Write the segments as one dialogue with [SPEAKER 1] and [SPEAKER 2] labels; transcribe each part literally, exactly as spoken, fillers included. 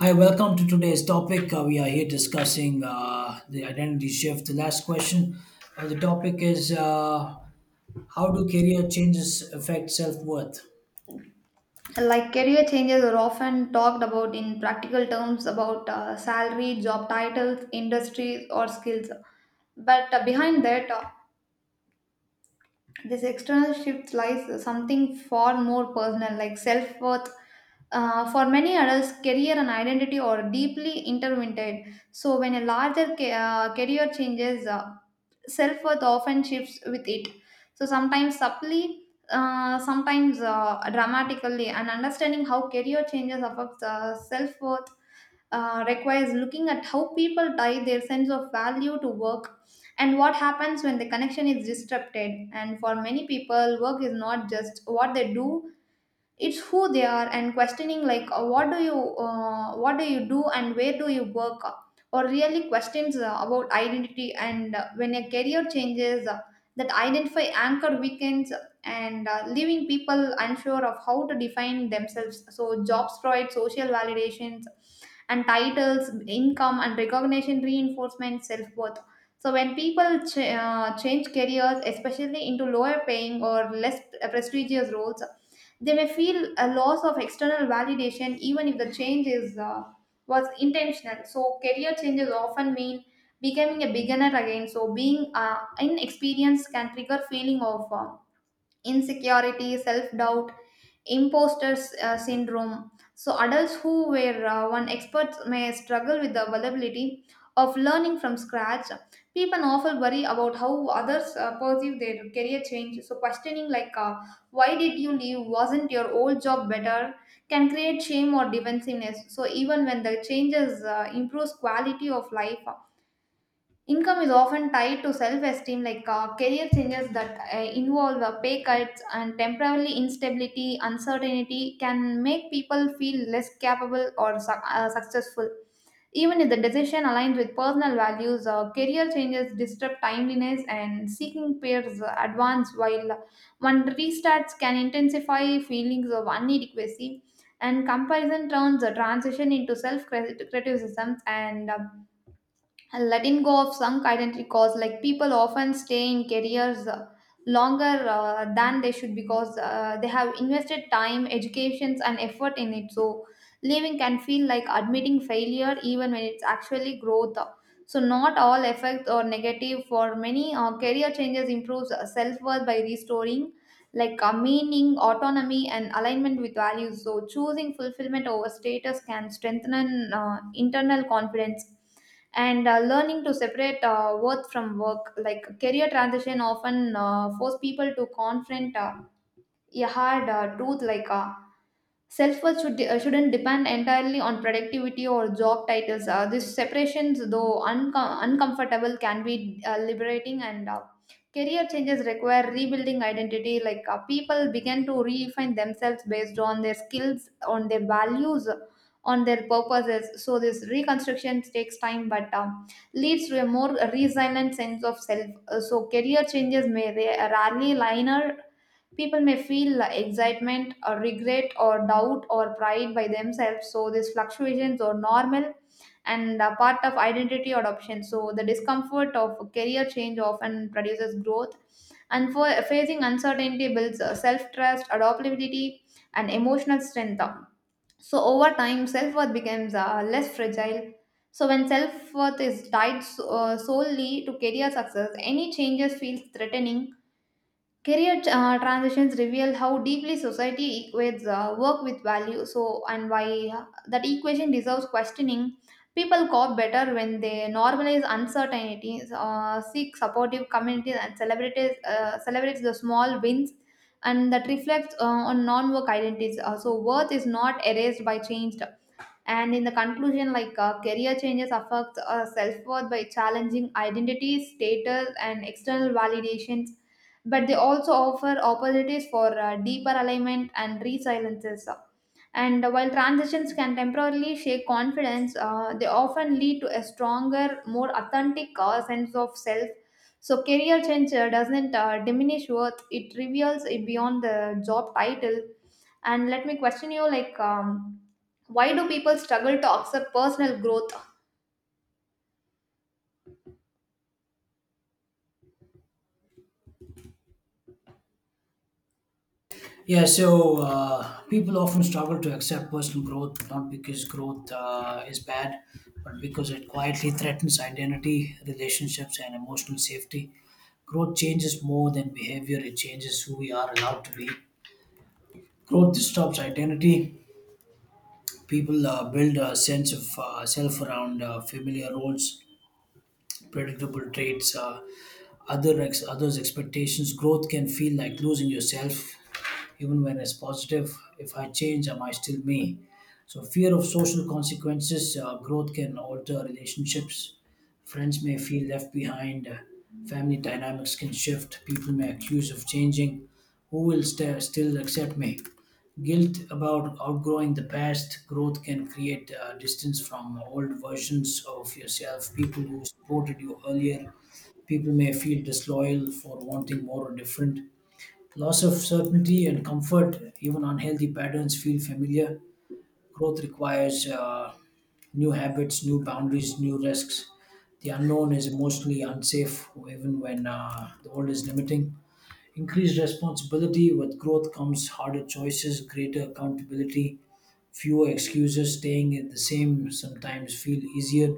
[SPEAKER 1] Hi, welcome to today's topic. Uh, we are here discussing uh, the identity shift. The last question. Uh, the topic is uh, how do career changes affect self worth?
[SPEAKER 2] Like career changes are often talked about in practical terms about uh, salary, job titles, industries, or skills, but uh, behind that uh, this external shift lies something far more personal, like self-worth. Uh, for many adults, career and identity are deeply intertwined, so when a larger ca- uh, career changes, uh, self worth often shifts with it. So sometimes subtly, uh, sometimes uh, dramatically. And understanding how career changes affect uh, self worth uh, requires looking at how people tie their sense of value to work and what happens when the connection is disrupted. And for many people, work is not just what they do, it's who they are. And questioning, like, uh, what do you uh, what do you do and where do you work, uh, or really questions uh, about identity. And uh, when a career changes, uh, that identify anchor weekends, and uh, leaving people unsure of how to define themselves. So jobs provide social validations, and titles, income, and recognition reinforcement self-worth. So when people ch- uh, change careers, especially into lower paying or less prestigious roles, they may feel a loss of external validation even if the change is uh, was intentional. So career changes often mean becoming a beginner again. So being uh, inexperienced can trigger feeling of uh, insecurity, self doubt, imposter s- uh, syndrome. So, adults who were uh, one experts may struggle with the availability of learning from scratch. People often worry about how others uh, perceive their career change. So, questioning like, uh, why did you leave? Wasn't your old job better? Can create shame or defensiveness. So, even when the changes uh, improves quality of life, income is often tied to self esteem. Like uh, career changes that uh, involve uh, pay cuts and temporarily instability, uncertainty can make people feel less capable or su- uh, successful. Even if the decision aligns with personal values, uh, career changes disrupt timeliness, and seeking peers uh, advance, while one restarts can intensify feelings of inadequacy. And comparison turns the transition into self criticism. And uh, and letting go of sunk identity cause, like, people often stay in careers uh, longer uh, than they should because uh, they have invested time, educations, and effort in it, so leaving can feel like admitting failure even when it's actually growth. So not all effects are negative. For many, uh, career changes improves uh, self-worth by restoring, like, uh, meaning, autonomy, and alignment with values. So choosing fulfillment over status can strengthen uh, internal confidence, and uh, learning to separate uh, worth from work. Like career transition often uh, force people to confront uh, a hard uh, truth, like, uh, self worth should, uh, shouldn't depend entirely on productivity or job titles. Uh, these separations, though uncom- uncomfortable, can be uh, liberating, and uh, career changes require rebuilding identity. Like uh, people begin to redefine themselves based on their skills, on their values, on their purposes. So, this reconstruction takes time but um, leads to a more resilient sense of self. Uh, so, career changes may ra- rarely linear. People may feel excitement or regret or doubt or pride by themselves. So these fluctuations are normal and a part of identity adoption. So the discomfort of career change often produces growth. And for facing uncertainty builds self-trust, adaptability, and emotional strength. So over time, self-worth becomes uh, less fragile. So when self-worth is tied so- uh, solely to career success, any changes feels threatening. Career uh, transitions reveal how deeply society equates uh, work with value, so and why uh, that equation deserves questioning. People cope better when they normalize uncertainties, uh, seek supportive communities, and celebrates uh, celebrates the small wins, and that reflects uh, on non-work identities. Uh, so worth is not erased by change. And in the conclusion, like uh, career changes affect uh, self-worth by challenging identity, status, and external validations, but they also offer opportunities for uh, deeper alignment and resiliences. And while transitions can temporarily shake confidence, uh, they often lead to a stronger, more authentic uh, sense of self. So career change uh, doesn't uh, diminish worth; it reveals it beyond the job title. And let me question you, like, um, why do people struggle to accept personal growth?
[SPEAKER 1] Yeah, so uh, people often struggle to accept personal growth, not because growth uh, is bad, but because it quietly threatens identity, relationships, and emotional safety. Growth changes more than behavior, it changes who we are allowed to be. Growth disrupts identity. People uh, build a sense of uh, self around uh, familiar roles, predictable traits, uh, other ex- others' expectations. Growth can feel like losing yourself, even when it's positive. If I change, am I still me? So, fear of social consequences, uh, growth can alter relationships. Friends may feel left behind, uh, family dynamics can shift, people may accuse of changing. Who will st- still accept me? Guilt about outgrowing the past growth can create uh, distance from old versions of yourself. People who supported you earlier, people may feel disloyal for wanting more or different. Loss of certainty and comfort, even unhealthy patterns, feel familiar. Growth requires uh, new habits, new boundaries, new risks. The unknown is emotionally unsafe, even when uh, the old is limiting. Increased responsibility with growth comes harder choices, greater accountability, fewer excuses, staying at the same sometimes feel easier.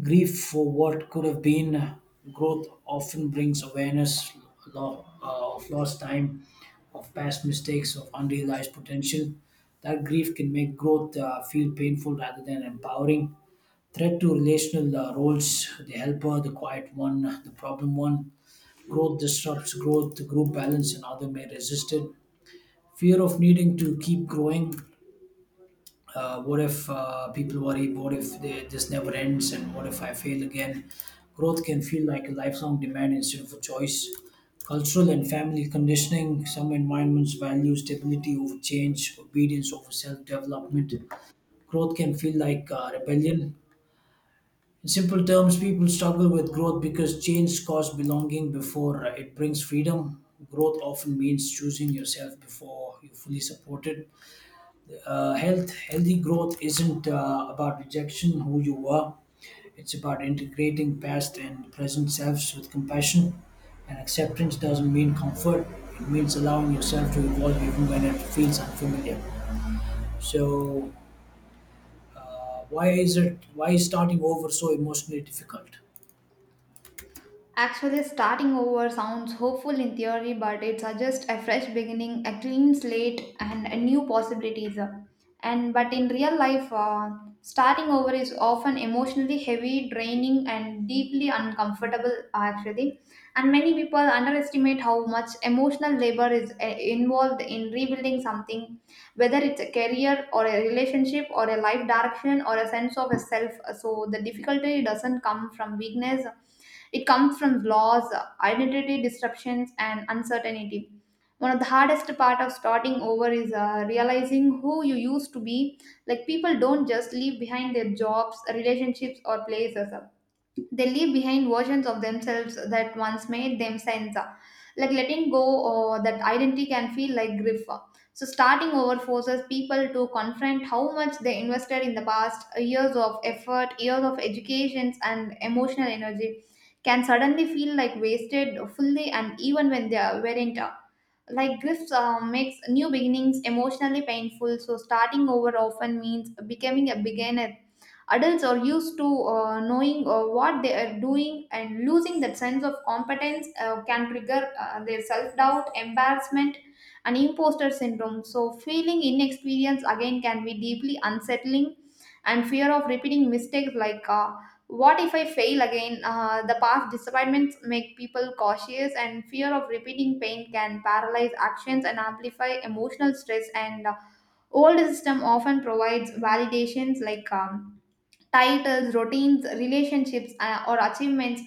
[SPEAKER 1] Grief for what could have been, growth often brings awareness lo- uh, of lost time, of past mistakes, of unrealized potential. That grief can make growth uh, feel painful rather than empowering. Threat to relational uh, roles, the helper, the quiet one, the problem one. Growth disrupts growth, group balance, and other may resist it. Fear of needing to keep growing. Uh, what if uh, people worry? What if they, this never ends? And what if I fail again? Growth can feel like a lifelong demand instead of a choice. Cultural and family conditioning. Some environments value stability over change, obedience over self development. Growth can feel like uh, rebellion. In simple terms, people struggle with growth because change costs belonging before it brings freedom. Growth often means choosing yourself before you fully supported. Uh, health, healthy growth isn't uh, about rejection who you were. It's about integrating past and present selves with compassion. And acceptance doesn't mean comfort. It means allowing yourself to evolve even when it feels unfamiliar. So, uh, why is it? Why is starting over so emotionally difficult?
[SPEAKER 2] Actually, starting over sounds hopeful in theory, but it suggests a fresh beginning, a clean slate, and a new possibilities. And but in real life, uh, starting over is often emotionally heavy, draining, and deeply uncomfortable. Actually, and many people underestimate how much emotional labor is uh, involved in rebuilding something, whether it's a career or a relationship or a life direction or a sense of a self. So the difficulty doesn't come from weakness, it comes from loss, identity disruptions, and uncertainty. One of the hardest part of starting over is uh, realizing who you used to be. Like people don't just leave behind their jobs, relationships, or places, they leave behind versions of themselves that once made them sense. Like letting go uh, that identity can feel like grief. So starting over forces people to confront how much they invested in the past, years of effort, years of educations and emotional energy can suddenly feel like wasted fully, and even when they are- weren't. Like grief uh, makes new beginnings emotionally painful. So starting over often means becoming a beginner. Adults are used to uh, knowing uh, what they are doing, and losing that sense of competence uh, can trigger uh, their self doubt, embarrassment, and imposter syndrome. So, feeling inexperience again can be deeply unsettling. And fear of repeating mistakes, like, uh, what if I fail again? Uh, the past disappointments make people cautious, and fear of repeating pain can paralyze actions and amplify emotional stress. And uh, old system often provides validations like um, titles, routines, relationships, uh, or achievements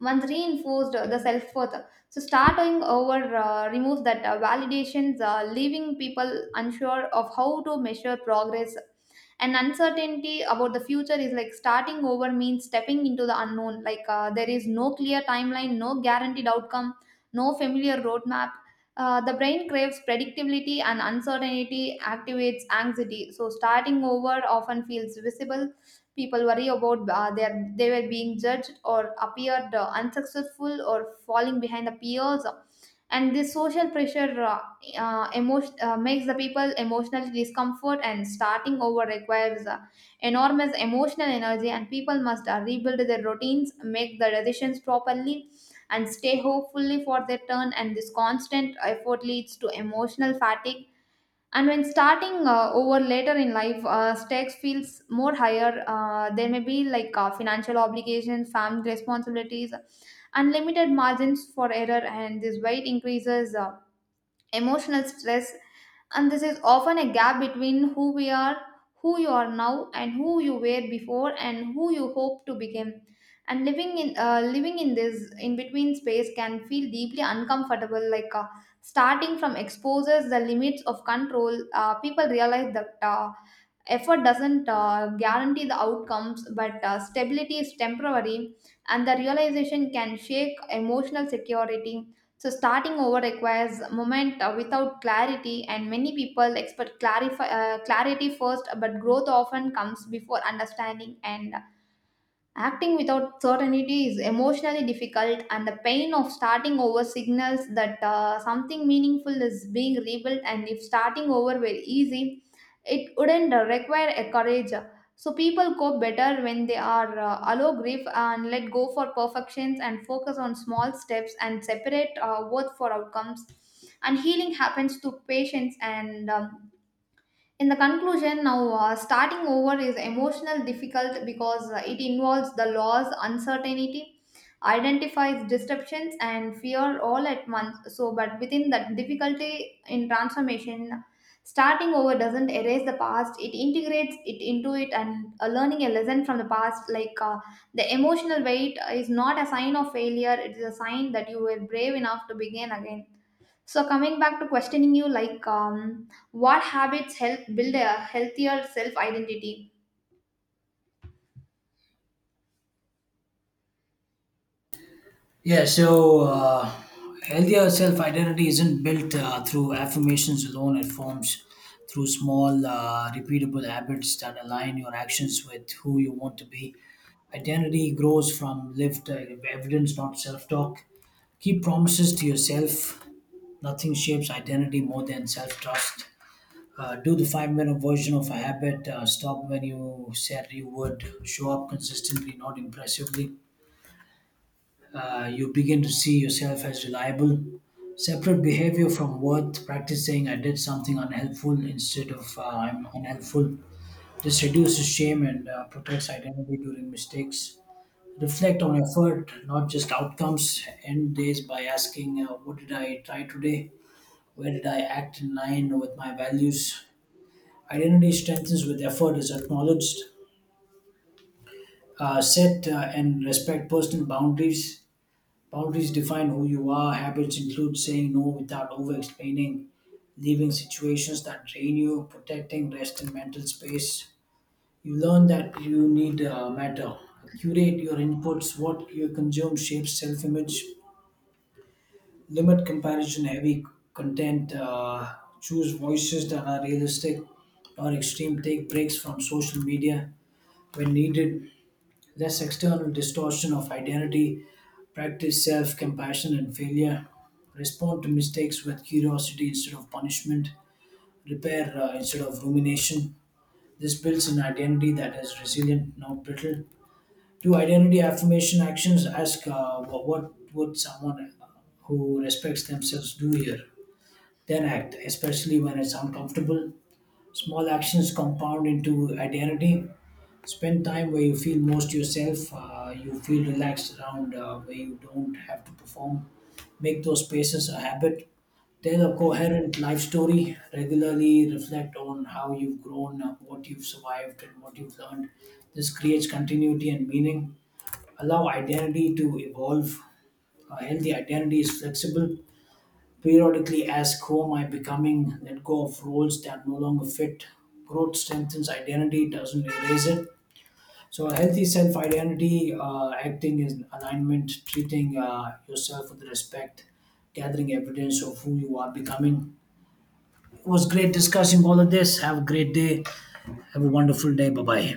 [SPEAKER 2] once reinforced uh, the self worth. So, starting over uh, removes that uh, validations, uh, leaving people unsure of how to measure progress. And uncertainty about the future is like starting over means stepping into the unknown. Like uh, there is no clear timeline, no guaranteed outcome, no familiar roadmap. Uh, the brain craves predictability, and uncertainty activates anxiety. So, starting over often feels visible. People worry about uh, they, are, they were being judged, or appeared uh, unsuccessful, or falling behind the peers. And this social pressure uh, uh, emotion, uh, makes the people emotionally discomfort, and starting over requires uh, enormous emotional energy. And people must uh, rebuild their routines, make the decisions properly, and stay hopefully for their turn. And this constant effort leads to emotional fatigue. And when starting uh, over later in life, uh, stakes feels more higher. Uh, there may be, like, uh, financial obligations, family responsibilities, unlimited margins for error, and this weight increases Uh, emotional stress. And this is often a gap between who we are, who you are now, and who you were before, and who you hope to become. And living in uh, living in this in between space can feel deeply uncomfortable. Like uh, starting from exposes the limits of control. Uh, people realize that uh, effort doesn't uh, guarantee the outcomes, but uh, stability is temporary, and the realization can shake emotional security. So starting over requires moment uh, without clarity. And many people expect clarify, uh, clarity first, but growth often comes before understanding. And acting without certainty is emotionally difficult, and the pain of starting over signals that uh, something meaningful is being rebuilt. And if starting over were easy, it wouldn't uh, require a courage. So people cope better when they are uh, allow grief, and let go for perfections, and focus on small steps, and separate uh, worth for outcomes. And healing happens through patience, and um, in the conclusion now, uh, starting over is emotional difficult because uh, it involves the loss, uncertainty, identifies disruptions, and fear all at once. So but within that difficulty in transformation, starting over doesn't erase the past, it integrates it into it. And uh, learning a lesson from the past, like, uh, the emotional weight is not a sign of failure, it is a sign that you were brave enough to begin again. So coming back to questioning you, like, um, what habits help build a healthier self identity?
[SPEAKER 1] Yeah, so uh, healthier self identity isn't built uh, through affirmations alone, it forms through small, uh, repeatable habits that align your actions with who you want to be. Identity grows from lived uh, evidence, not self talk. Keep promises to yourself. Nothing shapes identity more than self trust. Uh, do the five minute version of a habit. Uh, stop when you said you would. Show up consistently, not impressively, uh, you begin to see yourself as reliable. Separate behavior from worth, practice saying I did something unhelpful instead of uh, I'm unhelpful. This reduces shame and uh, protects identity during mistakes. Reflect on effort, not just outcomes. End days by asking, uh, what did I try today? Where did I act in line with my values? Identity strengthens with effort is acknowledged. Uh, set uh, and respect personal boundaries. Boundaries define who you are. Habits include saying no without over explaining, leaving situations that drain you, protecting rest and mental space. You learn that you need uh, matter. Curate your inputs. What you consume shapes self image. Limit comparison heavy content. Uh, choose voices that are realistic or extreme. Take breaks from social media when needed. This external distortion of identity, practice self compassion and failure, respond to mistakes with curiosity instead of punishment, repair uh, instead of rumination. This builds an identity that is resilient, not brittle. Do identity affirmation actions, ask uh, wh- what would someone uh, who respects themselves do here? Then act, especially when it's uncomfortable. Small actions compound into identity. Spend time where you feel most yourself, uh, you feel relaxed around uh, where you don't have to perform. Make those spaces a habit. Tell a coherent life story. Regularly reflect on how you've grown, uh, what you've survived, and what you've learned. This creates continuity and meaning. Allow identity to evolve. A healthy identity is flexible, periodically ask who am I becoming, let go of roles that no longer fit. Growth strengthens identity, doesn't erase it. So, a healthy self identity, uh, acting in alignment, treating uh, yourself with respect, gathering evidence of who you are becoming. It was great discussing all of this. Have a great day. Have a wonderful day. Bye bye.